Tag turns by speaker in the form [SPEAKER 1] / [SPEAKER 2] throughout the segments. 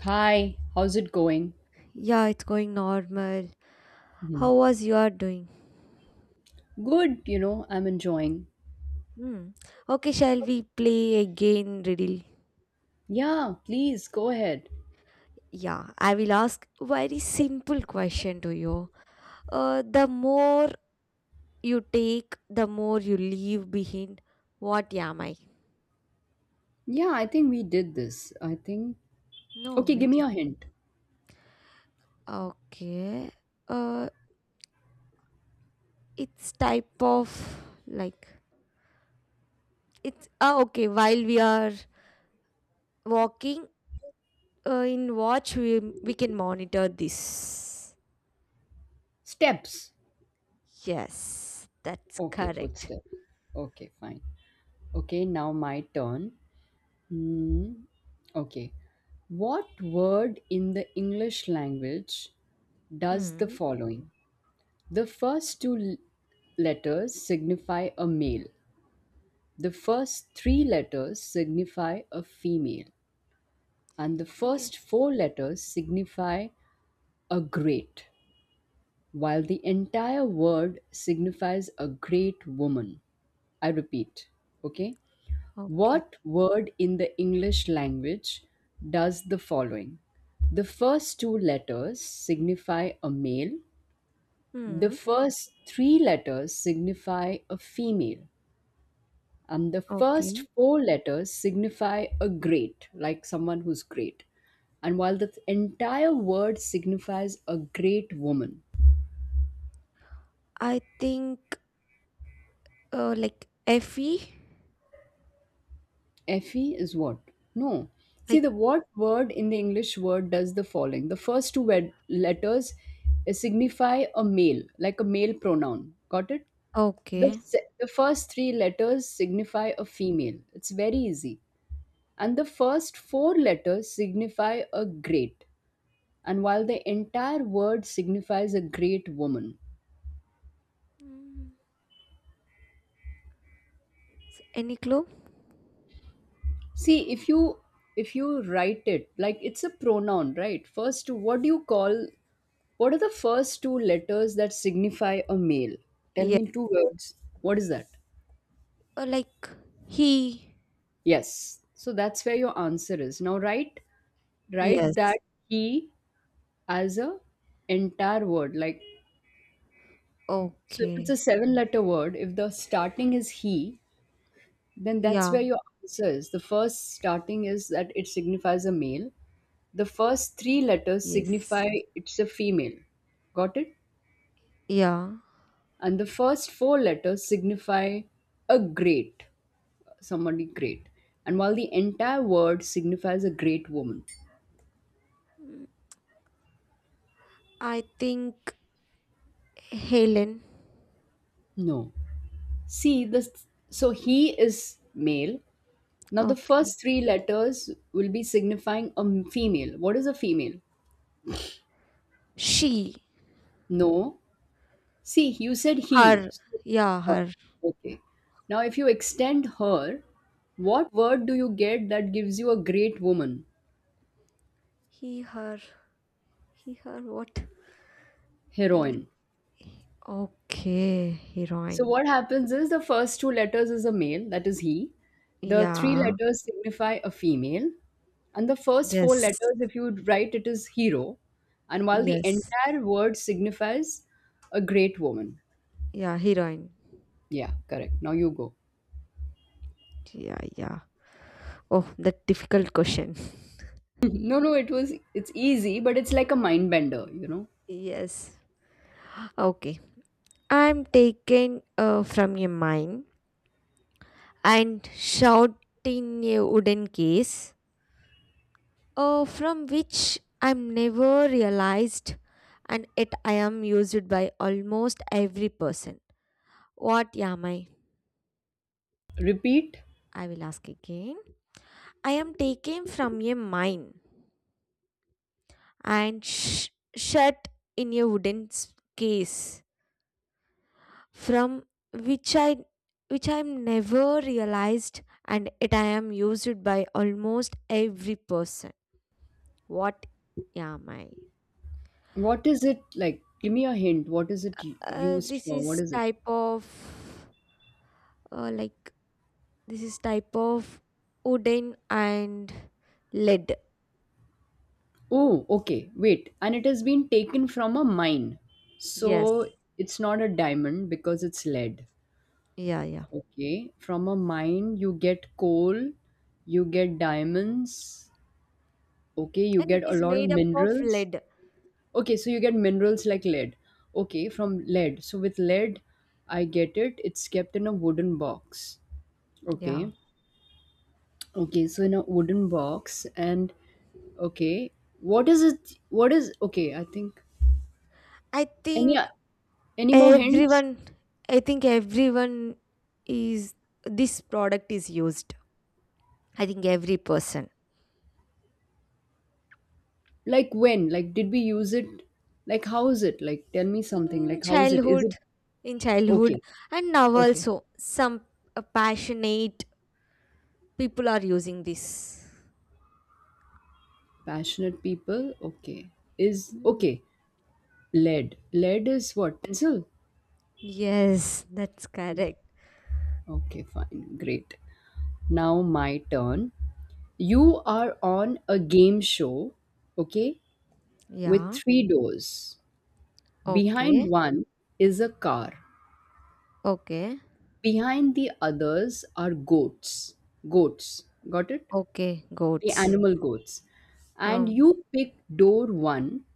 [SPEAKER 1] Hi, how's it going?
[SPEAKER 2] Yeah, it's going normal.
[SPEAKER 1] Mhm.
[SPEAKER 2] How was your doing?
[SPEAKER 1] Good, you know, I'm enjoying.
[SPEAKER 2] Hmm. Okay, shall we play again, riddle?
[SPEAKER 1] Yeah, please go ahead.
[SPEAKER 2] Yeah, I will ask very simple question to you. The more you take, the more you leave behind. What am I?
[SPEAKER 1] Yeah, I think we did this. I think.
[SPEAKER 2] No,
[SPEAKER 1] Okay,
[SPEAKER 2] we
[SPEAKER 1] give me
[SPEAKER 2] did.
[SPEAKER 1] a hint.
[SPEAKER 2] Okay. Uh, it's type of like it's ah okay. While we are walking, in watch we can monitor this.
[SPEAKER 1] Steps.
[SPEAKER 2] Yes, that's
[SPEAKER 1] Okay,
[SPEAKER 2] correct.
[SPEAKER 1] footsteps. Okay, fine. Okay, now my turn. Hmm. Okay. What word in the English language does the
[SPEAKER 2] Hmm.
[SPEAKER 1] following? The first two letters signify a male. The first three letters signify a female. And the first
[SPEAKER 2] Yes.
[SPEAKER 1] four letters signify a great, while the entire word signifies a great woman. I repeat, okay?
[SPEAKER 2] Okay.
[SPEAKER 1] What word in the English language does the following? The first two letters signify a male, the
[SPEAKER 2] Hmm.
[SPEAKER 1] first three letters signify a female. The
[SPEAKER 2] Okay.
[SPEAKER 1] first four letters signify a great, like someone who's great. And while the entire word signifies a great woman.
[SPEAKER 2] I think like Effie.
[SPEAKER 1] Effie is what? No. See,
[SPEAKER 2] Like
[SPEAKER 1] the what word in the English word does the following. The first two letters signify a male, like a male pronoun. Got it? The,
[SPEAKER 2] okay.
[SPEAKER 1] se- the first three letters signify a female. It's very easy. And the first four letters signify a great. And while the entire word signifies a great woman.
[SPEAKER 2] Hmm. Any clue?
[SPEAKER 1] See, if you write it like it's a pronoun, right? First, what do you call, what are the first two letters that signify a male? Tell
[SPEAKER 2] Yeah.
[SPEAKER 1] me in two words. What is that?
[SPEAKER 2] Like he.
[SPEAKER 1] Yes, so that's where your answer is. Now write that
[SPEAKER 2] Yes.
[SPEAKER 1] he as a entire word, like, so if it's
[SPEAKER 2] Okay.
[SPEAKER 1] a seven letter word, if the starting is he, then that's where
[SPEAKER 2] Yeah.
[SPEAKER 1] your answer is. The first starting is that it signifies a male. The first three letters
[SPEAKER 2] Yes.
[SPEAKER 1] signify it's a female. Got it?
[SPEAKER 2] Yeah.
[SPEAKER 1] And the first four letters signify a great, somebody great. And while the entire word signifies a great woman.
[SPEAKER 2] Hmm. I think Helen.
[SPEAKER 1] No. See, this, so he is male. Now the
[SPEAKER 2] Okay.
[SPEAKER 1] first three letters will be signifying a female. What is a female?
[SPEAKER 2] She.
[SPEAKER 1] No. See, you said he.
[SPEAKER 2] Her.
[SPEAKER 1] So,
[SPEAKER 2] Yeah.
[SPEAKER 1] her.
[SPEAKER 2] Her.
[SPEAKER 1] Okay. Now, if you extend her, what word do you get that gives you a great woman?
[SPEAKER 2] He. Her. He. Her. What? L-
[SPEAKER 1] Heroine.
[SPEAKER 2] Okay.
[SPEAKER 1] So,
[SPEAKER 2] Heroine.
[SPEAKER 1] what happens is the first two letters is a male, that is he. The three
[SPEAKER 2] Yeah.
[SPEAKER 1] letters signify a female. And the first four
[SPEAKER 2] Yes.
[SPEAKER 1] letters, if you would write, it is hero. And while the
[SPEAKER 2] Yes.
[SPEAKER 1] entire word signifies a great woman.
[SPEAKER 2] Yeah, heroine.
[SPEAKER 1] Yeah, correct. Now you go.
[SPEAKER 2] Yeah, yeah. Oh, that difficult question.
[SPEAKER 1] No, no, it was, it's easy, but it's like a mind bender.
[SPEAKER 2] Yes. Okay. I'm taken from your mind and shot in a wooden case from which I'm never realized and yet I am used by almost every person. What am I?
[SPEAKER 1] Repeat.
[SPEAKER 2] I will ask again. I am taken from a mine and shut in a wooden case from which I never realized and it I am used by almost every person. What yeah, am I?
[SPEAKER 1] What is it like? Give me a hint. What is it
[SPEAKER 2] Uh,
[SPEAKER 1] used
[SPEAKER 2] this
[SPEAKER 1] for? What
[SPEAKER 2] is
[SPEAKER 1] is it?
[SPEAKER 2] type of like this is type of wooden and lead.
[SPEAKER 1] Oh, okay. Wait. And it has been taken from a mine.
[SPEAKER 2] Yes.
[SPEAKER 1] So it's not a diamond because it's lead.
[SPEAKER 2] Yeah, yeah.
[SPEAKER 1] Okay. From a mine, you get coal, you get diamonds. Okay. You
[SPEAKER 2] And it
[SPEAKER 1] get a
[SPEAKER 2] is
[SPEAKER 1] lot of
[SPEAKER 2] made up of
[SPEAKER 1] minerals.
[SPEAKER 2] lead.
[SPEAKER 1] Okay. So you get minerals like lead. Okay. From lead. So with lead, I get it. It's kept in a wooden box.
[SPEAKER 2] Yeah.
[SPEAKER 1] Okay. Okay, so in a wooden box. And okay, what is it? What is okay? I think,
[SPEAKER 2] I
[SPEAKER 1] any
[SPEAKER 2] think
[SPEAKER 1] any more hints?
[SPEAKER 2] Everyone, I think everyone is this product is used. I think every person
[SPEAKER 1] Like when? Like did we use it? Like how is it? Like tell me something.
[SPEAKER 2] in
[SPEAKER 1] Like how is it? Is it
[SPEAKER 2] childhood, in childhood,
[SPEAKER 1] okay?
[SPEAKER 2] and now
[SPEAKER 1] Okay.
[SPEAKER 2] also some passionate people are using this.
[SPEAKER 1] Passionate people. Okay. Is
[SPEAKER 2] Mm.
[SPEAKER 1] okay. Lead. Lead is what? Pencil.
[SPEAKER 2] Yes, that's correct.
[SPEAKER 1] Okay. Fine. Great. Now my turn. You are on a game show. Okay. With
[SPEAKER 2] Yeah.
[SPEAKER 1] three doors. Behind
[SPEAKER 2] Okay.
[SPEAKER 1] one is a car.
[SPEAKER 2] Okay.
[SPEAKER 1] Behind the others are goats. Goats. Got it?
[SPEAKER 2] Okay.
[SPEAKER 1] The
[SPEAKER 2] Goats.
[SPEAKER 1] animal goats. And
[SPEAKER 2] Um.
[SPEAKER 1] you pick door one.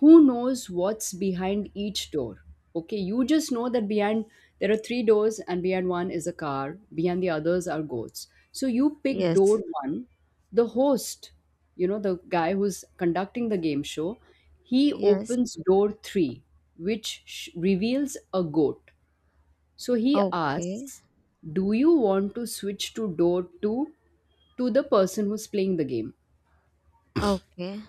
[SPEAKER 1] Who knows what's behind each door? Okay, you just know that behind there are three doors, and behind one is a car, behind the others are goats. So you pick door
[SPEAKER 2] Yes.
[SPEAKER 1] one. The host, the guy who's conducting the game show, he
[SPEAKER 2] Yes.
[SPEAKER 1] opens door three, which reveals a goat. So he
[SPEAKER 2] Okay.
[SPEAKER 1] asks, "Do you want to switch to door 2 to the person who's playing the game?"
[SPEAKER 2] Okay.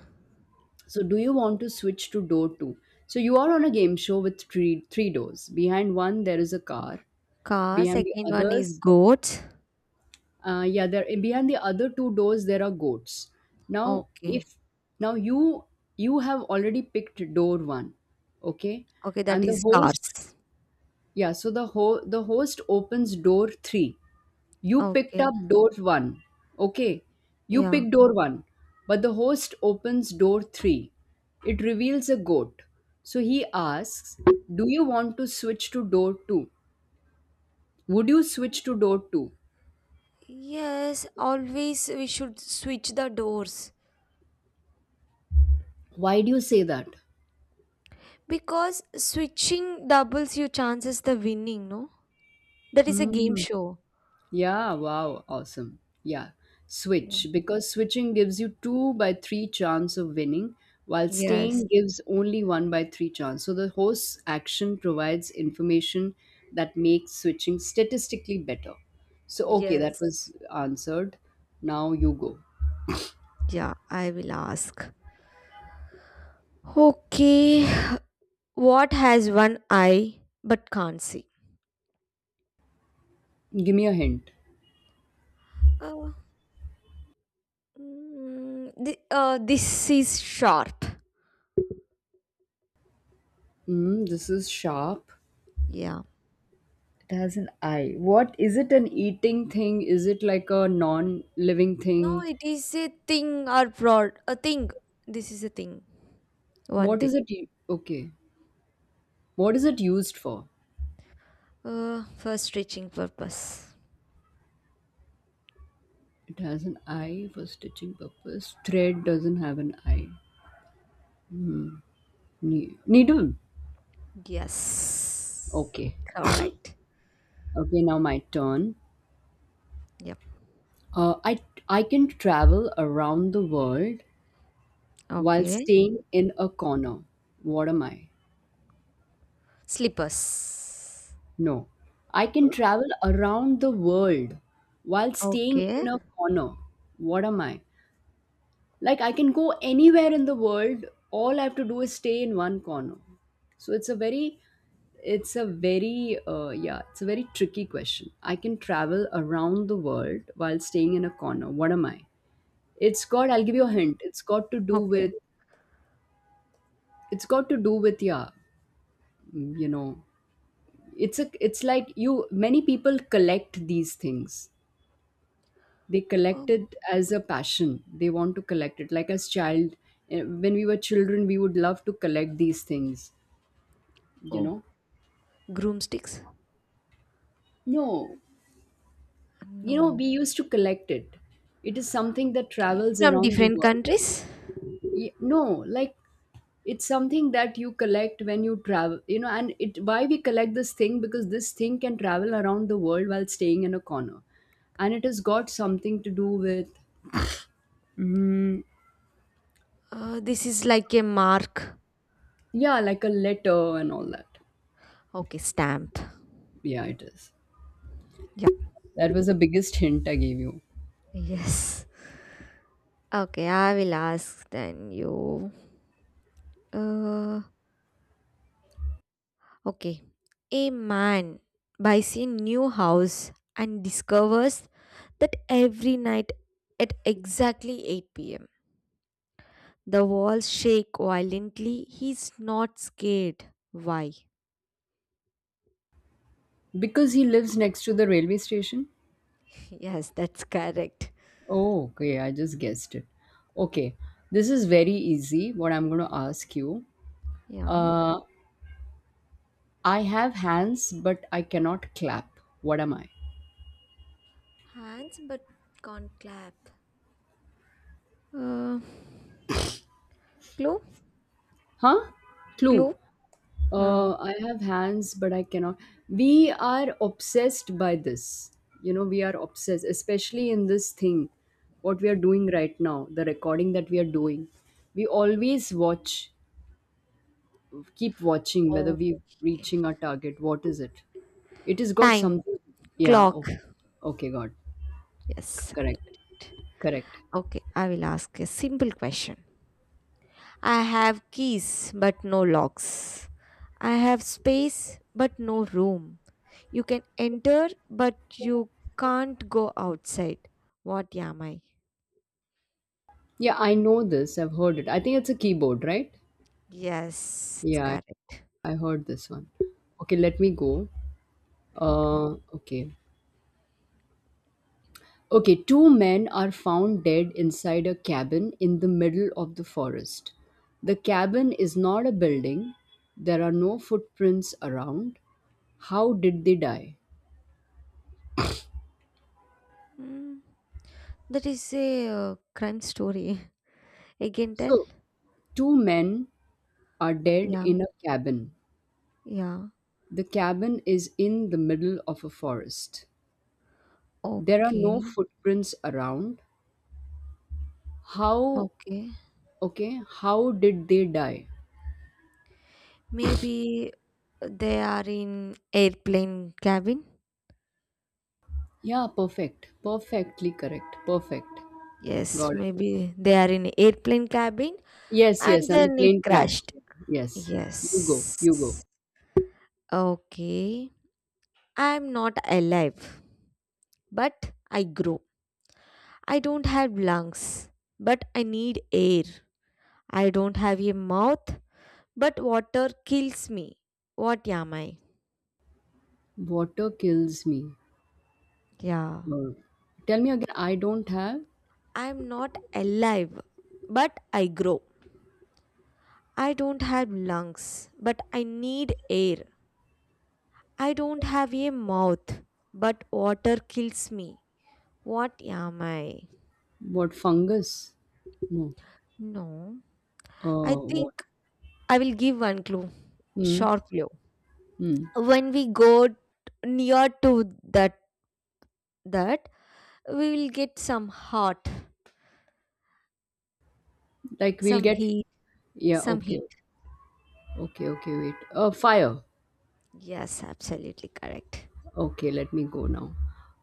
[SPEAKER 1] So do you want to switch to door 2? So you are on a game show with three doors. Behind one there is a car.
[SPEAKER 2] Cars.
[SPEAKER 1] Behind the
[SPEAKER 2] Second one is
[SPEAKER 1] others,
[SPEAKER 2] goats.
[SPEAKER 1] yeah, there behind the other two doors there are goats. Now if
[SPEAKER 2] Okay.
[SPEAKER 1] now you have already picked door 1, okay?
[SPEAKER 2] Okay. That
[SPEAKER 1] And the
[SPEAKER 2] is cars.
[SPEAKER 1] host Yeah, so the the host opens door 3. You picked
[SPEAKER 2] Okay.
[SPEAKER 1] up door one. Okay, you
[SPEAKER 2] Yeah.
[SPEAKER 1] pick door one, but the host opens door three. It reveals a goat. So he asks, do you want to switch to door two? Would you switch to door two?
[SPEAKER 2] Yes, always we should switch the doors
[SPEAKER 1] Why do you say that?
[SPEAKER 2] because switching doubles your chances the winning, no? That is a game
[SPEAKER 1] Hmm.
[SPEAKER 2] show.
[SPEAKER 1] Yeah, wow, awesome. Yeah,
[SPEAKER 2] Yeah.
[SPEAKER 1] switch because switching gives you 2 by 3 chance of winning while
[SPEAKER 2] Yes.
[SPEAKER 1] staying gives only 1 by 3 chance. So the host action provides information that makes switching statistically better. So okay, that
[SPEAKER 2] Yes.
[SPEAKER 1] was answered. Now you go.
[SPEAKER 2] Yeah, I will ask. Okay. What has one eye but can't see?
[SPEAKER 1] Give me a hint.
[SPEAKER 2] Uh, this is sharp.
[SPEAKER 1] Mm, this is sharp.
[SPEAKER 2] Yeah.
[SPEAKER 1] It has an eye. What is it, an eating thing? Is it like a non-living
[SPEAKER 2] No,
[SPEAKER 1] thing?
[SPEAKER 2] it is a thing or broad. A thing. This is a thing. One
[SPEAKER 1] What
[SPEAKER 2] thing.
[SPEAKER 1] is it? Okay. What is it used for?
[SPEAKER 2] First reaching purpose.
[SPEAKER 1] It has an eye for stitching purpose. Thread doesn't have an eye. Needle.
[SPEAKER 2] Yes.
[SPEAKER 1] Okay.
[SPEAKER 2] Correct.
[SPEAKER 1] Okay, now my turn.
[SPEAKER 2] Yep.
[SPEAKER 1] Uh, I I can travel around the world while
[SPEAKER 2] Okay.
[SPEAKER 1] staying in a corner. What am I?
[SPEAKER 2] Slippers.
[SPEAKER 1] No. I can
[SPEAKER 2] Huh?
[SPEAKER 1] travel around the world while staying
[SPEAKER 2] Okay.
[SPEAKER 1] in a corner. What am I? Like, I can go anywhere in the world. All I have to do is stay in one corner. So it's a very yeah, it's a very tricky question. I can travel around the world while staying in a corner. What am I? It's got I'll give you a
[SPEAKER 2] Mm.
[SPEAKER 1] hint. It's got to do
[SPEAKER 2] Okay.
[SPEAKER 1] with, yeah. Mm, you know, it's like, you, many people collect these things. They collect
[SPEAKER 2] Oh,
[SPEAKER 1] it as a passion. They want to collect it like as child. When we were children we would love to collect these things you
[SPEAKER 2] oh.
[SPEAKER 1] know
[SPEAKER 2] Groomsticks?
[SPEAKER 1] no, you know
[SPEAKER 2] No.
[SPEAKER 1] we used to collect it. It is something that
[SPEAKER 2] Okay.
[SPEAKER 1] travels
[SPEAKER 2] From
[SPEAKER 1] around the
[SPEAKER 2] different
[SPEAKER 1] world.
[SPEAKER 2] countries?
[SPEAKER 1] No, like, it's something that you collect when you travel, you know, and it why we collect this thing, because this thing can travel around the world while staying in a corner. And it has got something to do with, mm,
[SPEAKER 2] This is like a mark.
[SPEAKER 1] yeah, like a letter and all that.
[SPEAKER 2] Okay. Stamp.
[SPEAKER 1] Yeah, it is.
[SPEAKER 2] Yep.
[SPEAKER 1] That was the biggest hint I gave you.
[SPEAKER 2] Yes. Okay. I will ask then you. Uh, okay. A man buys a new house and discovers that every night at exactly 8 pm. The walls shake violently. He's not scared. Why?
[SPEAKER 1] Because he lives next to the railway station?
[SPEAKER 2] Yes, that's correct.
[SPEAKER 1] Oh, okay, I just guessed it. Okay, this is very easy, what I'm going to ask you.
[SPEAKER 2] Yeah.
[SPEAKER 1] Uh, I have hands, but I cannot clap. What am I?
[SPEAKER 2] Hands but can't clap. Uh, clue?
[SPEAKER 1] Huh? Clue.
[SPEAKER 2] Clue? Uh,
[SPEAKER 1] I have hands, but I cannot. We are obsessed by this. You know, we are obsessed, especially in this thing, what we are doing right now, the recording that we are doing. We always watch keep watching whether
[SPEAKER 2] Okay.
[SPEAKER 1] we're reaching our target. What is it? It has got
[SPEAKER 2] Time.
[SPEAKER 1] something. Yeah.
[SPEAKER 2] Clock.
[SPEAKER 1] Okay. Got
[SPEAKER 2] Yes.
[SPEAKER 1] correct. Correct.
[SPEAKER 2] Okay, I will ask a simple question. I have keys but no locks. I have space but no room. You can enter, but you can't go outside. What am I?
[SPEAKER 1] Yeah, I know this. I've heard it. I think it's a keyboard, right?
[SPEAKER 2] Yes, it's
[SPEAKER 1] Yeah, I,
[SPEAKER 2] correct.
[SPEAKER 1] I heard this one. Okay, let me go.
[SPEAKER 2] Okay.
[SPEAKER 1] Uh, okay. Okay, two men are found dead inside a cabin in the middle of the forest. The cabin is not a building. There are no footprints around. How did they die?
[SPEAKER 2] Mm, that is a crime story. Again, tell?
[SPEAKER 1] So, two men are dead
[SPEAKER 2] Yeah,
[SPEAKER 1] in a cabin.
[SPEAKER 2] yeah.
[SPEAKER 1] The cabin is in the middle of a forest. There are no
[SPEAKER 2] Okay,
[SPEAKER 1] footprints around. How,
[SPEAKER 2] okay.
[SPEAKER 1] okay, how did they die?
[SPEAKER 2] Maybe they are in airplane cabin.
[SPEAKER 1] Yeah, perfect. Perfectly correct. Perfect.
[SPEAKER 2] Yes,
[SPEAKER 1] Got it.
[SPEAKER 2] maybe they are in airplane cabin
[SPEAKER 1] Yes, yes,
[SPEAKER 2] and
[SPEAKER 1] and the
[SPEAKER 2] then it
[SPEAKER 1] plane crashed.
[SPEAKER 2] crashed.
[SPEAKER 1] Yes. You go,
[SPEAKER 2] Yes.
[SPEAKER 1] you go.
[SPEAKER 2] Okay. I'm not alive, but I grow. I don't have lungs, but I need air. I don't have a mouth, but water kills me. What am I?
[SPEAKER 1] Water kills me.
[SPEAKER 2] Yeah.
[SPEAKER 1] Uh, tell me again, I don't have
[SPEAKER 2] I am not alive, but I grow. I don't have lungs, but I need air. I don't have a mouth, but water kills me. What am I?
[SPEAKER 1] what fungus? No.
[SPEAKER 2] No. I
[SPEAKER 1] Uh,
[SPEAKER 2] think
[SPEAKER 1] what?
[SPEAKER 2] I will give one clue.
[SPEAKER 1] Hmm.
[SPEAKER 2] Short clue.
[SPEAKER 1] Hmm.
[SPEAKER 2] When we go near to that we will get some hot,
[SPEAKER 1] Like we'll
[SPEAKER 2] some
[SPEAKER 1] get.
[SPEAKER 2] heat,
[SPEAKER 1] Yeah,
[SPEAKER 2] some
[SPEAKER 1] okay.
[SPEAKER 2] heat.
[SPEAKER 1] Okay, okay, wait. Fire.
[SPEAKER 2] Yes, absolutely correct.
[SPEAKER 1] Okay, let me go now.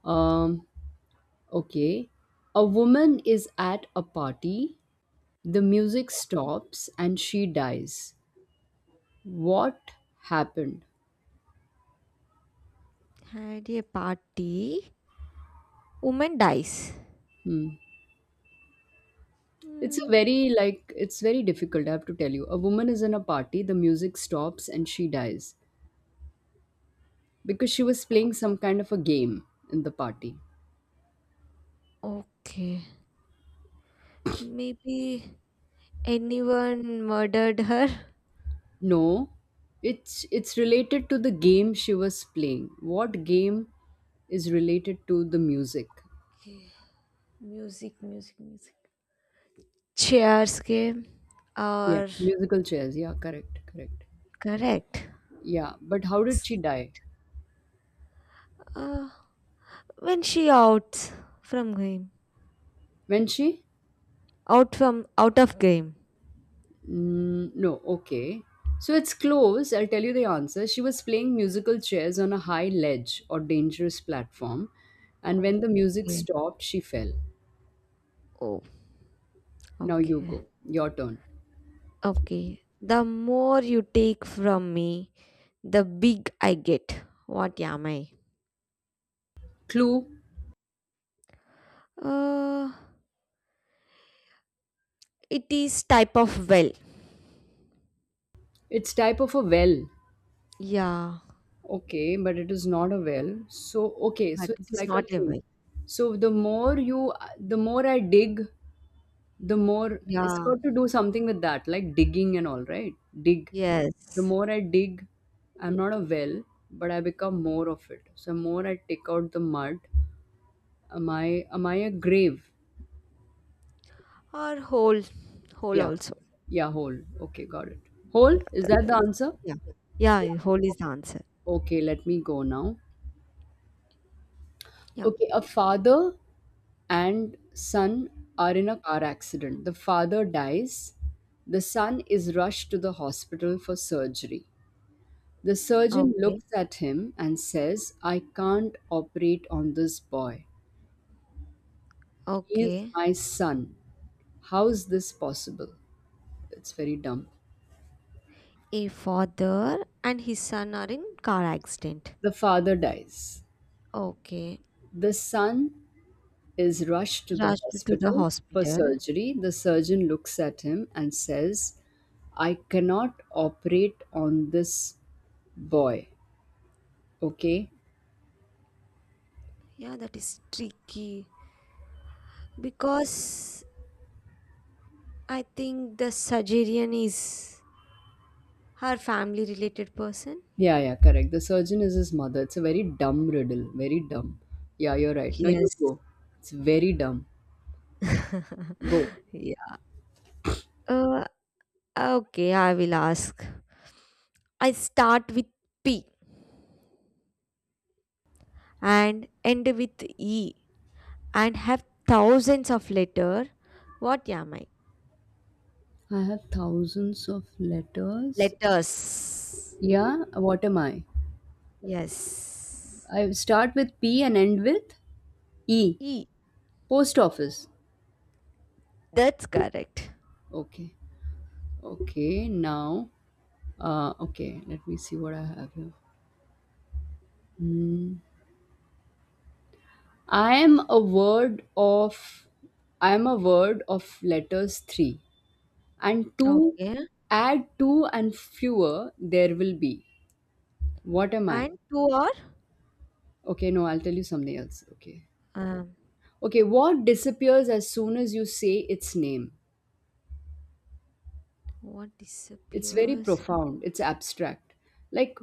[SPEAKER 1] Um, okay. A woman is at a party. The music stops and she dies. What happened?
[SPEAKER 2] At a party, woman dies.
[SPEAKER 1] It's a
[SPEAKER 2] Hmm,
[SPEAKER 1] very, like, it's very difficult, I have to tell you. A woman is in a party, the music stops and she dies because she was playing some kind of a game in the party.
[SPEAKER 2] okay, maybe anyone murdered her.
[SPEAKER 1] No. It's related to the game she was playing. What game is related to the music?
[SPEAKER 2] Okay. Music, music, music. Chairs game
[SPEAKER 1] Yeah,
[SPEAKER 2] or
[SPEAKER 1] musical chairs. Yeah, correct, correct.
[SPEAKER 2] correct.
[SPEAKER 1] Yeah, but how did
[SPEAKER 2] It's,
[SPEAKER 1] she die?
[SPEAKER 2] Uh, when she out from game,
[SPEAKER 1] When she?
[SPEAKER 2] out from out of game.
[SPEAKER 1] Mm, no, okay. So it's close. I'll tell you the answer. She was playing musical chairs on a high ledge or dangerous platform, and when the music
[SPEAKER 2] Okay.
[SPEAKER 1] stopped, she fell.
[SPEAKER 2] Oh,
[SPEAKER 1] Now you go.
[SPEAKER 2] okay.
[SPEAKER 1] Your turn.
[SPEAKER 2] Okay. The more you take from me, the big I get. What am I?
[SPEAKER 1] Clue.
[SPEAKER 2] Uh, it is type of well.
[SPEAKER 1] It's type of a well.
[SPEAKER 2] Yeah,
[SPEAKER 1] Okay, but it is not a well. So okay,
[SPEAKER 2] but
[SPEAKER 1] so
[SPEAKER 2] it
[SPEAKER 1] it's
[SPEAKER 2] is
[SPEAKER 1] like a
[SPEAKER 2] not a
[SPEAKER 1] thing.
[SPEAKER 2] well.
[SPEAKER 1] So the more you, the more I dig, the more it's
[SPEAKER 2] Yeah.
[SPEAKER 1] got to do something with that like digging and all right dig. The
[SPEAKER 2] Yes.
[SPEAKER 1] more I dig, I'm not a well, but I become more of it. So more I take out the mud, am I a grave?
[SPEAKER 2] Or whole. Whole
[SPEAKER 1] Yeah,
[SPEAKER 2] also.
[SPEAKER 1] yeah, hole, okay, got it. Hole, is
[SPEAKER 2] That-
[SPEAKER 1] that the answer?
[SPEAKER 2] Yeah. Yeah, whole is the answer.
[SPEAKER 1] Okay, let me go now.
[SPEAKER 2] Yeah.
[SPEAKER 1] Okay, a father and son are in a car accident. The father dies, the son is rushed to the hospital for surgery. The surgeon
[SPEAKER 2] Okay.
[SPEAKER 1] looks at him and says, I can't operate on this boy. He is
[SPEAKER 2] Okay.
[SPEAKER 1] my son. How is this possible? It's very dumb.
[SPEAKER 2] A father and his son are in car accident.
[SPEAKER 1] The father dies.
[SPEAKER 2] Okay.
[SPEAKER 1] The son is rushed to the
[SPEAKER 2] Rushed to the
[SPEAKER 1] hospital for
[SPEAKER 2] hospital.
[SPEAKER 1] surgery. The surgeon looks at him and says, I cannot operate on this boy. Okay?
[SPEAKER 2] Yeah, that is tricky because I think the Sagittarian is her family related person.
[SPEAKER 1] Yeah, yeah, correct. The surgeon is his mother. It's a very dumb riddle. Very dumb. Yeah, you're right. No, you
[SPEAKER 2] Yes.
[SPEAKER 1] go. It's very dumb. Go.
[SPEAKER 2] Yeah. Uh, okay, I will ask. I start with P and end with E and have thousands of letter. What am I?
[SPEAKER 1] I have thousands of letters.
[SPEAKER 2] Letters.
[SPEAKER 1] Yeah, what am I?
[SPEAKER 2] Yes.
[SPEAKER 1] I start with P and end with E.
[SPEAKER 2] E.
[SPEAKER 1] Post office.
[SPEAKER 2] That's correct.
[SPEAKER 1] Okay. Okay, now. Okay, let me see what I have here. Hmm. I am a word of. I am a word of letters three. And two,
[SPEAKER 2] Okay.
[SPEAKER 1] add two and fewer, there will be. What am I?
[SPEAKER 2] And two are?
[SPEAKER 1] Okay, no, I'll tell you something else. Okay.
[SPEAKER 2] Um,
[SPEAKER 1] Okay, what disappears as soon as you say its name?
[SPEAKER 2] what
[SPEAKER 1] It's very
[SPEAKER 2] disappears?
[SPEAKER 1] profound. It's abstract. Like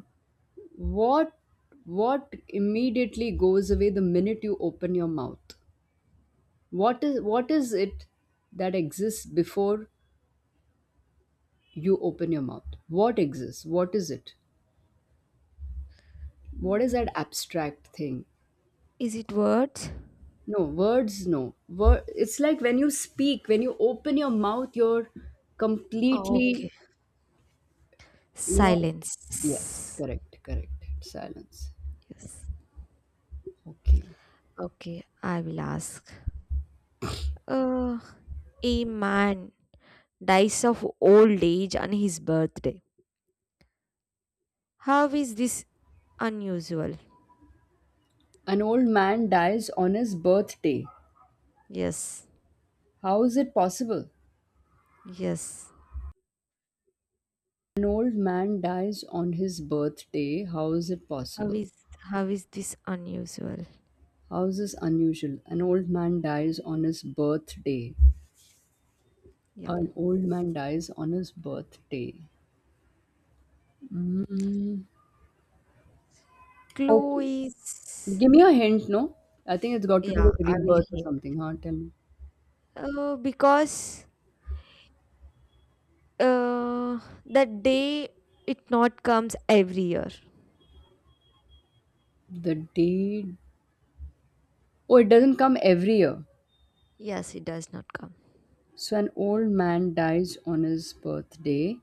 [SPEAKER 1] what what immediately goes away the minute you open your mouth? What is it that exists before you open your mouth? What exists? What is it? What is
[SPEAKER 2] Hmm,
[SPEAKER 1] that abstract thing?
[SPEAKER 2] is it words?
[SPEAKER 1] No, words no. Word, it's like when you speak, when you open your mouth, you're completely.
[SPEAKER 2] Okay.
[SPEAKER 1] You know,
[SPEAKER 2] Silence.
[SPEAKER 1] yes, correct, correct. Silence.
[SPEAKER 2] Yes.
[SPEAKER 1] Okay.
[SPEAKER 2] Okay, I will ask. Uh, a man dies of old age on his birthday. How is this unusual?
[SPEAKER 1] An old man dies on his birthday.
[SPEAKER 2] Yes.
[SPEAKER 1] How is it possible?
[SPEAKER 2] Yes.
[SPEAKER 1] An old man dies on his birthday. How is it
[SPEAKER 2] How
[SPEAKER 1] possible?
[SPEAKER 2] is how is this unusual?
[SPEAKER 1] How is this unusual? An old man dies on his birthday.
[SPEAKER 2] Yeah.
[SPEAKER 1] An old man dies on his birthday.
[SPEAKER 2] Clue
[SPEAKER 1] Okay.
[SPEAKER 2] is
[SPEAKER 1] Give me a hint, no? I think it's got to do
[SPEAKER 2] yeah,
[SPEAKER 1] with
[SPEAKER 2] I will
[SPEAKER 1] rebirth or
[SPEAKER 2] hear.
[SPEAKER 1] something, huh? Tell me.
[SPEAKER 2] Uh, because uh the day it not comes every year.
[SPEAKER 1] The day. Oh, it doesn't come every year.
[SPEAKER 2] Yes, it does not come.
[SPEAKER 1] So an old man dies on his birthday.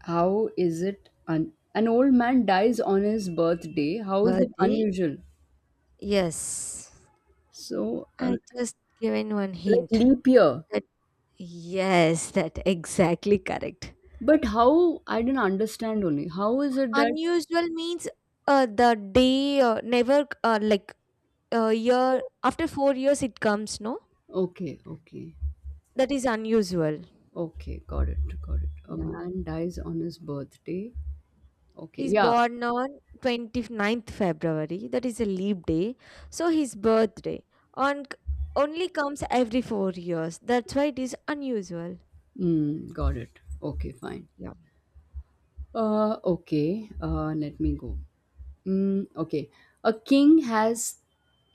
[SPEAKER 1] How is it an old man dies on his birthday? How is it
[SPEAKER 2] Birthday?
[SPEAKER 1] unusual?
[SPEAKER 2] Yes.
[SPEAKER 1] So
[SPEAKER 2] I just given one
[SPEAKER 1] like
[SPEAKER 2] hint
[SPEAKER 1] leap year.
[SPEAKER 2] that yes, that exactly correct.
[SPEAKER 1] But how I didn't understand only. How is it that
[SPEAKER 2] Unusual means the day never like a year after 4 years it comes, no?
[SPEAKER 1] okay, okay.
[SPEAKER 2] That is unusual.
[SPEAKER 1] Okay, got it, got it. A
[SPEAKER 2] Yeah.
[SPEAKER 1] man dies on his birthday. Okay,
[SPEAKER 2] He's
[SPEAKER 1] yeah.
[SPEAKER 2] born on twenty ninth February. That is a leap day. So his birthday on only comes every 4 years. That's why it is unusual.
[SPEAKER 1] Mm, got it. Okay, fine.
[SPEAKER 2] Yeah.
[SPEAKER 1] Okay. Let me go. Mm, okay. A king has,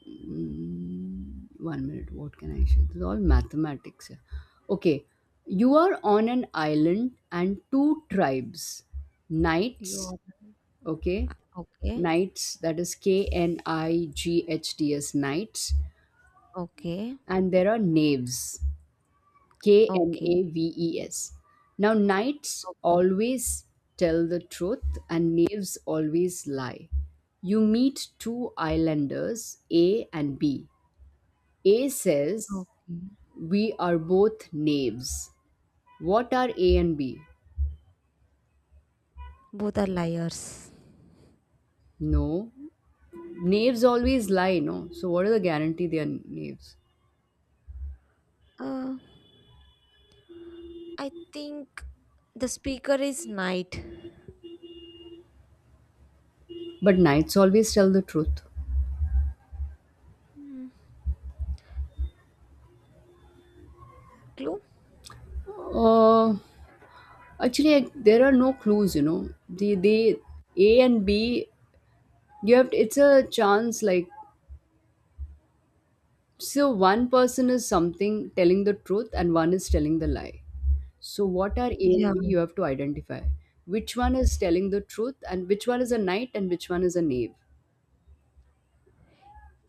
[SPEAKER 1] mm, 1 minute, what can I share? This is all mathematics, yeah. Okay, you are on an island and two tribes,
[SPEAKER 2] You
[SPEAKER 1] knights,
[SPEAKER 2] are
[SPEAKER 1] okay,
[SPEAKER 2] okay.
[SPEAKER 1] knights, that is knights, knights,
[SPEAKER 2] Okay.
[SPEAKER 1] and there are knaves,
[SPEAKER 2] Okay.
[SPEAKER 1] knaves. Now knights
[SPEAKER 2] Okay.
[SPEAKER 1] always tell the truth and knaves always lie. You meet two islanders, A and B. A says,
[SPEAKER 2] Okay.
[SPEAKER 1] we are both knaves. What are A and B?
[SPEAKER 2] Both are liars.
[SPEAKER 1] No. Knaves always lie, no? So what is the guarantee they are knaves?
[SPEAKER 2] Uh, I think the speaker is night.
[SPEAKER 1] But knights always tell the truth.
[SPEAKER 2] Hmm. Clue?
[SPEAKER 1] Uh, actually, there are no clues, you know. The A and B, you have, it's a chance like, so one person is something telling the truth and one is telling the lie. So what are A and
[SPEAKER 2] Yeah.
[SPEAKER 1] B? You have to identify which one is telling the truth and which one is a knight and which one is a knave.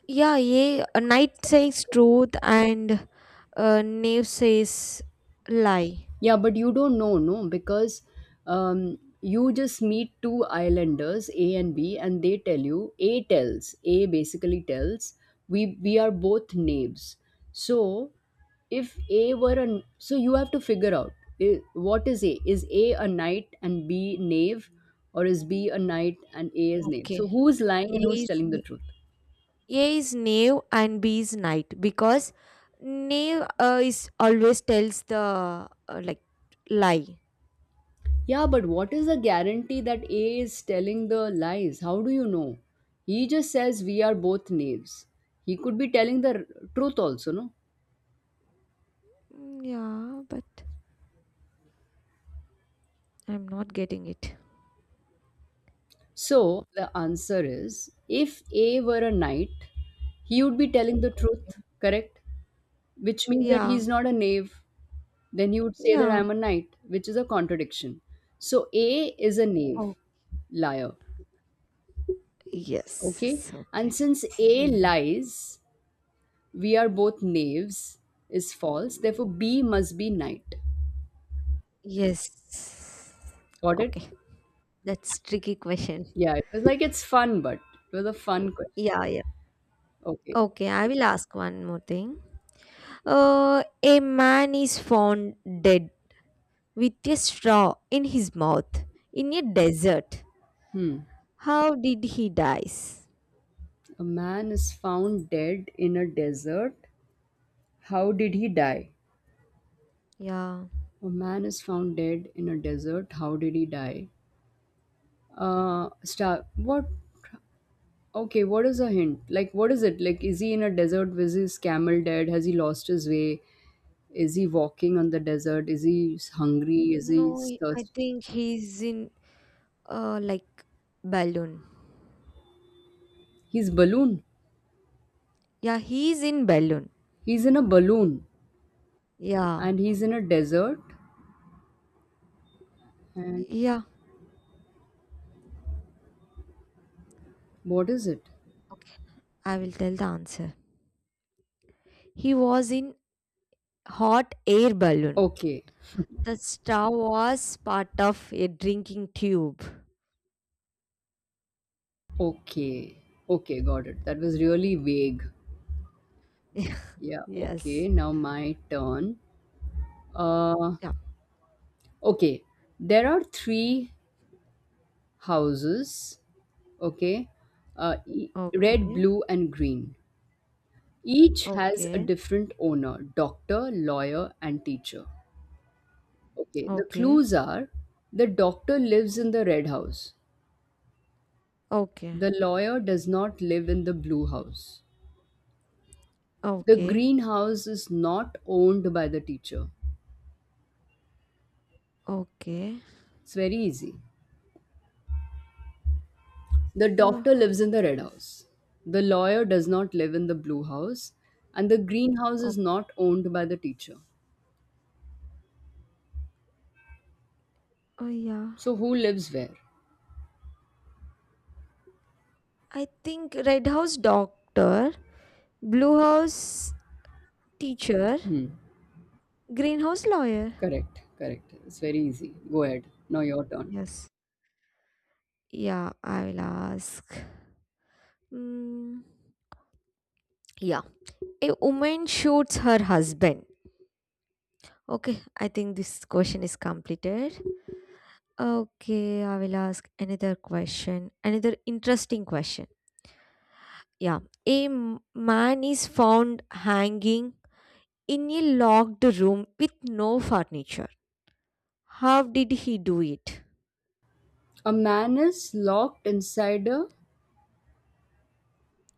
[SPEAKER 2] Yeah, yeah. A night says truth and knave says lie.
[SPEAKER 1] Yeah, but you don't know, no, because you just meet two islanders, A and B, and they tell you, A tells, A basically tells, we are both knaves. So if A were an, so you have to figure out i- what is A? Is A a knight and B knave, or is B a knight and A is knave?
[SPEAKER 2] Okay.
[SPEAKER 1] So who's lying
[SPEAKER 2] A
[SPEAKER 1] and who's
[SPEAKER 2] is,
[SPEAKER 1] telling the
[SPEAKER 2] a
[SPEAKER 1] truth?
[SPEAKER 2] is knave and B is knight because knave is always tells the like lie.
[SPEAKER 1] Yeah, but what is the guarantee that A is telling the lies? How do you know? He just says we are both knaves. He could be telling the truth also, no?
[SPEAKER 2] Mm, yeah, but I'm not getting it.
[SPEAKER 1] So the answer is if A were a knight, he would be telling the truth, correct? Which means that
[SPEAKER 2] Yeah,
[SPEAKER 1] he's not a knave. Then he would say that
[SPEAKER 2] yeah.
[SPEAKER 1] I'm a knight, which is a contradiction. So A is a
[SPEAKER 2] Oh,
[SPEAKER 1] knave, liar,
[SPEAKER 2] yes.
[SPEAKER 1] okay?
[SPEAKER 2] Yes, okay.
[SPEAKER 1] And since A
[SPEAKER 2] Yeah, yeah.
[SPEAKER 1] lies, we are both knaves is false. Therefore, B must be knight.
[SPEAKER 2] Yes.
[SPEAKER 1] Got it?
[SPEAKER 2] Okay. That's tricky question.
[SPEAKER 1] Yeah, it was like it's fun, but it was a fun question.
[SPEAKER 2] Yeah, yeah.
[SPEAKER 1] Okay.
[SPEAKER 2] Okay, I will ask one more thing. A man is found dead with a straw in his mouth in a desert.
[SPEAKER 1] Hmm.
[SPEAKER 2] How did he dies?
[SPEAKER 1] A man is found dead in a desert. How did he die?
[SPEAKER 2] Yeah.
[SPEAKER 1] A man is found dead in a desert. How did he die? Star. What? Okay, what is a hint? Like, what is it? Like, is he in a desert? Was his camel dead? Has he lost his way? Is he walking on the desert? Is he hungry? Is
[SPEAKER 2] No,
[SPEAKER 1] he
[SPEAKER 2] I
[SPEAKER 1] thirsty?
[SPEAKER 2] think he's in like balloon.
[SPEAKER 1] He's balloon.
[SPEAKER 2] Yeah, he's in balloon.
[SPEAKER 1] He's in a balloon
[SPEAKER 2] Yeah.
[SPEAKER 1] and he's in a desert. And
[SPEAKER 2] Yeah,
[SPEAKER 1] what is it?
[SPEAKER 2] I will tell the answer. He was in hot air balloon.
[SPEAKER 1] Okay.
[SPEAKER 2] The straw was part of a drinking tube.
[SPEAKER 1] Okay. Okay, got it. That was really vague. Yeah, okay.
[SPEAKER 2] Yes.
[SPEAKER 1] Now my turn. Uh,
[SPEAKER 2] Yeah.
[SPEAKER 1] okay. There are three houses, okay? Uh e- red,
[SPEAKER 2] Okay.
[SPEAKER 1] blue and green. Each has a
[SPEAKER 2] Okay.
[SPEAKER 1] different owner, doctor, lawyer and teacher. Okay, the
[SPEAKER 2] Okay.
[SPEAKER 1] clues are the doctor lives in the red house.
[SPEAKER 2] Okay.
[SPEAKER 1] The lawyer does not live in the blue house. The
[SPEAKER 2] Okay.
[SPEAKER 1] green house is not owned by the teacher.
[SPEAKER 2] Okay.
[SPEAKER 1] It's very easy. The doctor
[SPEAKER 2] Oh,
[SPEAKER 1] lives in the red house. The lawyer does not live in the blue house. And the green house is
[SPEAKER 2] oh,
[SPEAKER 1] not owned by the teacher.
[SPEAKER 2] oh, yeah.
[SPEAKER 1] So who lives where?
[SPEAKER 2] I think red house doctor, blue house teacher,
[SPEAKER 1] Hmm.
[SPEAKER 2] green house lawyer.
[SPEAKER 1] Correct. Correct. It's very easy. Go ahead. Now your turn.
[SPEAKER 2] Yes. Yeah, I will ask. Mm, yeah. A woman shoots her husband. Okay, I think this question is completed. Okay, I will ask another question. Another interesting question. Yeah. A man is found hanging in a locked room with no furniture. How did he do it?
[SPEAKER 1] A man is locked inside a.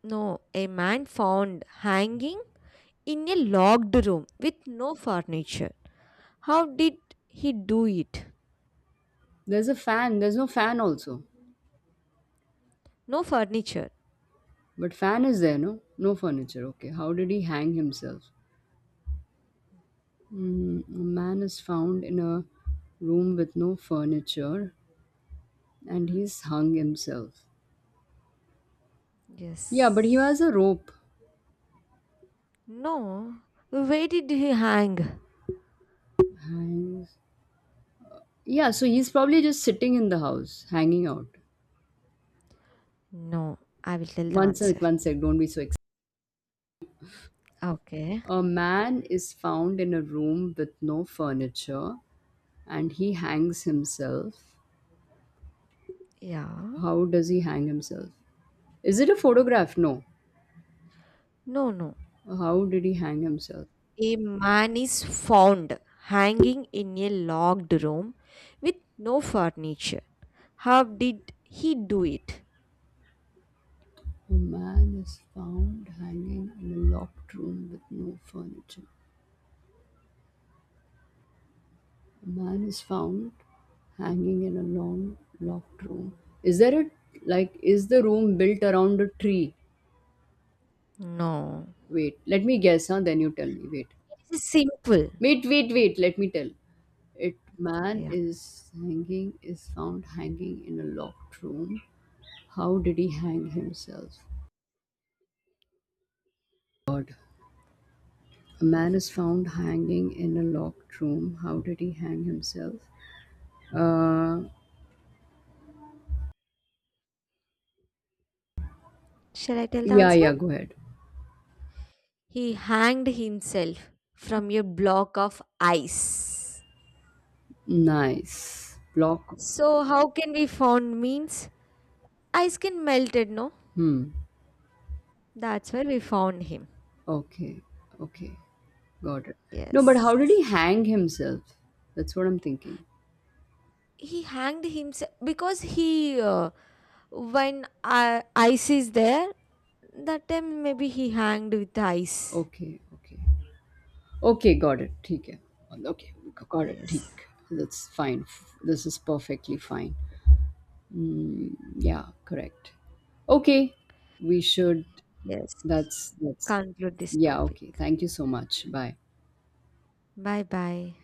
[SPEAKER 2] No, a man found hanging in a locked room with no furniture. How did he do it?
[SPEAKER 1] There's a fan. There's no fan also.
[SPEAKER 2] No furniture.
[SPEAKER 1] But fan is there, no? No furniture. Okay. How did he hang himself? Mm, a man is found in a room with no furniture and he's hung himself. Yeah, but he has
[SPEAKER 2] Yes.
[SPEAKER 1] a rope.
[SPEAKER 2] No. Where did he hang?
[SPEAKER 1] Hangs. Yeah, so he's probably just sitting in the house, hanging out.
[SPEAKER 2] No, I will tell the answer.
[SPEAKER 1] One sec, don't be so excited.
[SPEAKER 2] Okay.
[SPEAKER 1] A man is found in a room with no furniture and he hangs himself.
[SPEAKER 2] Yeah.
[SPEAKER 1] How does he hang himself? Is it a photograph? No.
[SPEAKER 2] No, no.
[SPEAKER 1] How did he hang himself?
[SPEAKER 2] A man is found hanging in a locked room with no furniture. How did he do it?
[SPEAKER 1] A man is found hanging in a locked room with no furniture. A man is found hanging in a long locked room. Is there a like is the room built around a tree?
[SPEAKER 2] No.
[SPEAKER 1] Wait, let me guess, huh? Then you tell me. Wait.
[SPEAKER 2] This is simple.
[SPEAKER 1] Wait, wait, wait, let me tell. It man
[SPEAKER 2] Yeah.
[SPEAKER 1] is hanging is found hanging in a locked room. How did he hang himself? God. A man is found hanging in a locked room. How did he hang himself? Uh,
[SPEAKER 2] Shall I tell the
[SPEAKER 1] Yeah,
[SPEAKER 2] answer?
[SPEAKER 1] yeah, go ahead.
[SPEAKER 2] He hanged himself from a block of ice.
[SPEAKER 1] Nice. Block.
[SPEAKER 2] So how can we found means ice can melted, no?
[SPEAKER 1] Hmm.
[SPEAKER 2] That's where we found him.
[SPEAKER 1] Okay. Okay. Got it. No, but
[SPEAKER 2] Yes.
[SPEAKER 1] how did he hang himself? That's what I'm thinking.
[SPEAKER 2] He hanged himself because he when ice is there that time maybe he hanged with the ice.
[SPEAKER 1] Okay, okay. Okay, got it. ठीक है. Okay, got it.
[SPEAKER 2] Yes.
[SPEAKER 1] ठीक. That's fine. This is perfectly fine. Hmm. Yeah, correct. Okay. We should
[SPEAKER 2] Yes,
[SPEAKER 1] that's
[SPEAKER 2] conclude this
[SPEAKER 1] yeah,
[SPEAKER 2] topic.
[SPEAKER 1] okay. Thank you so much. Bye.
[SPEAKER 2] Bye bye.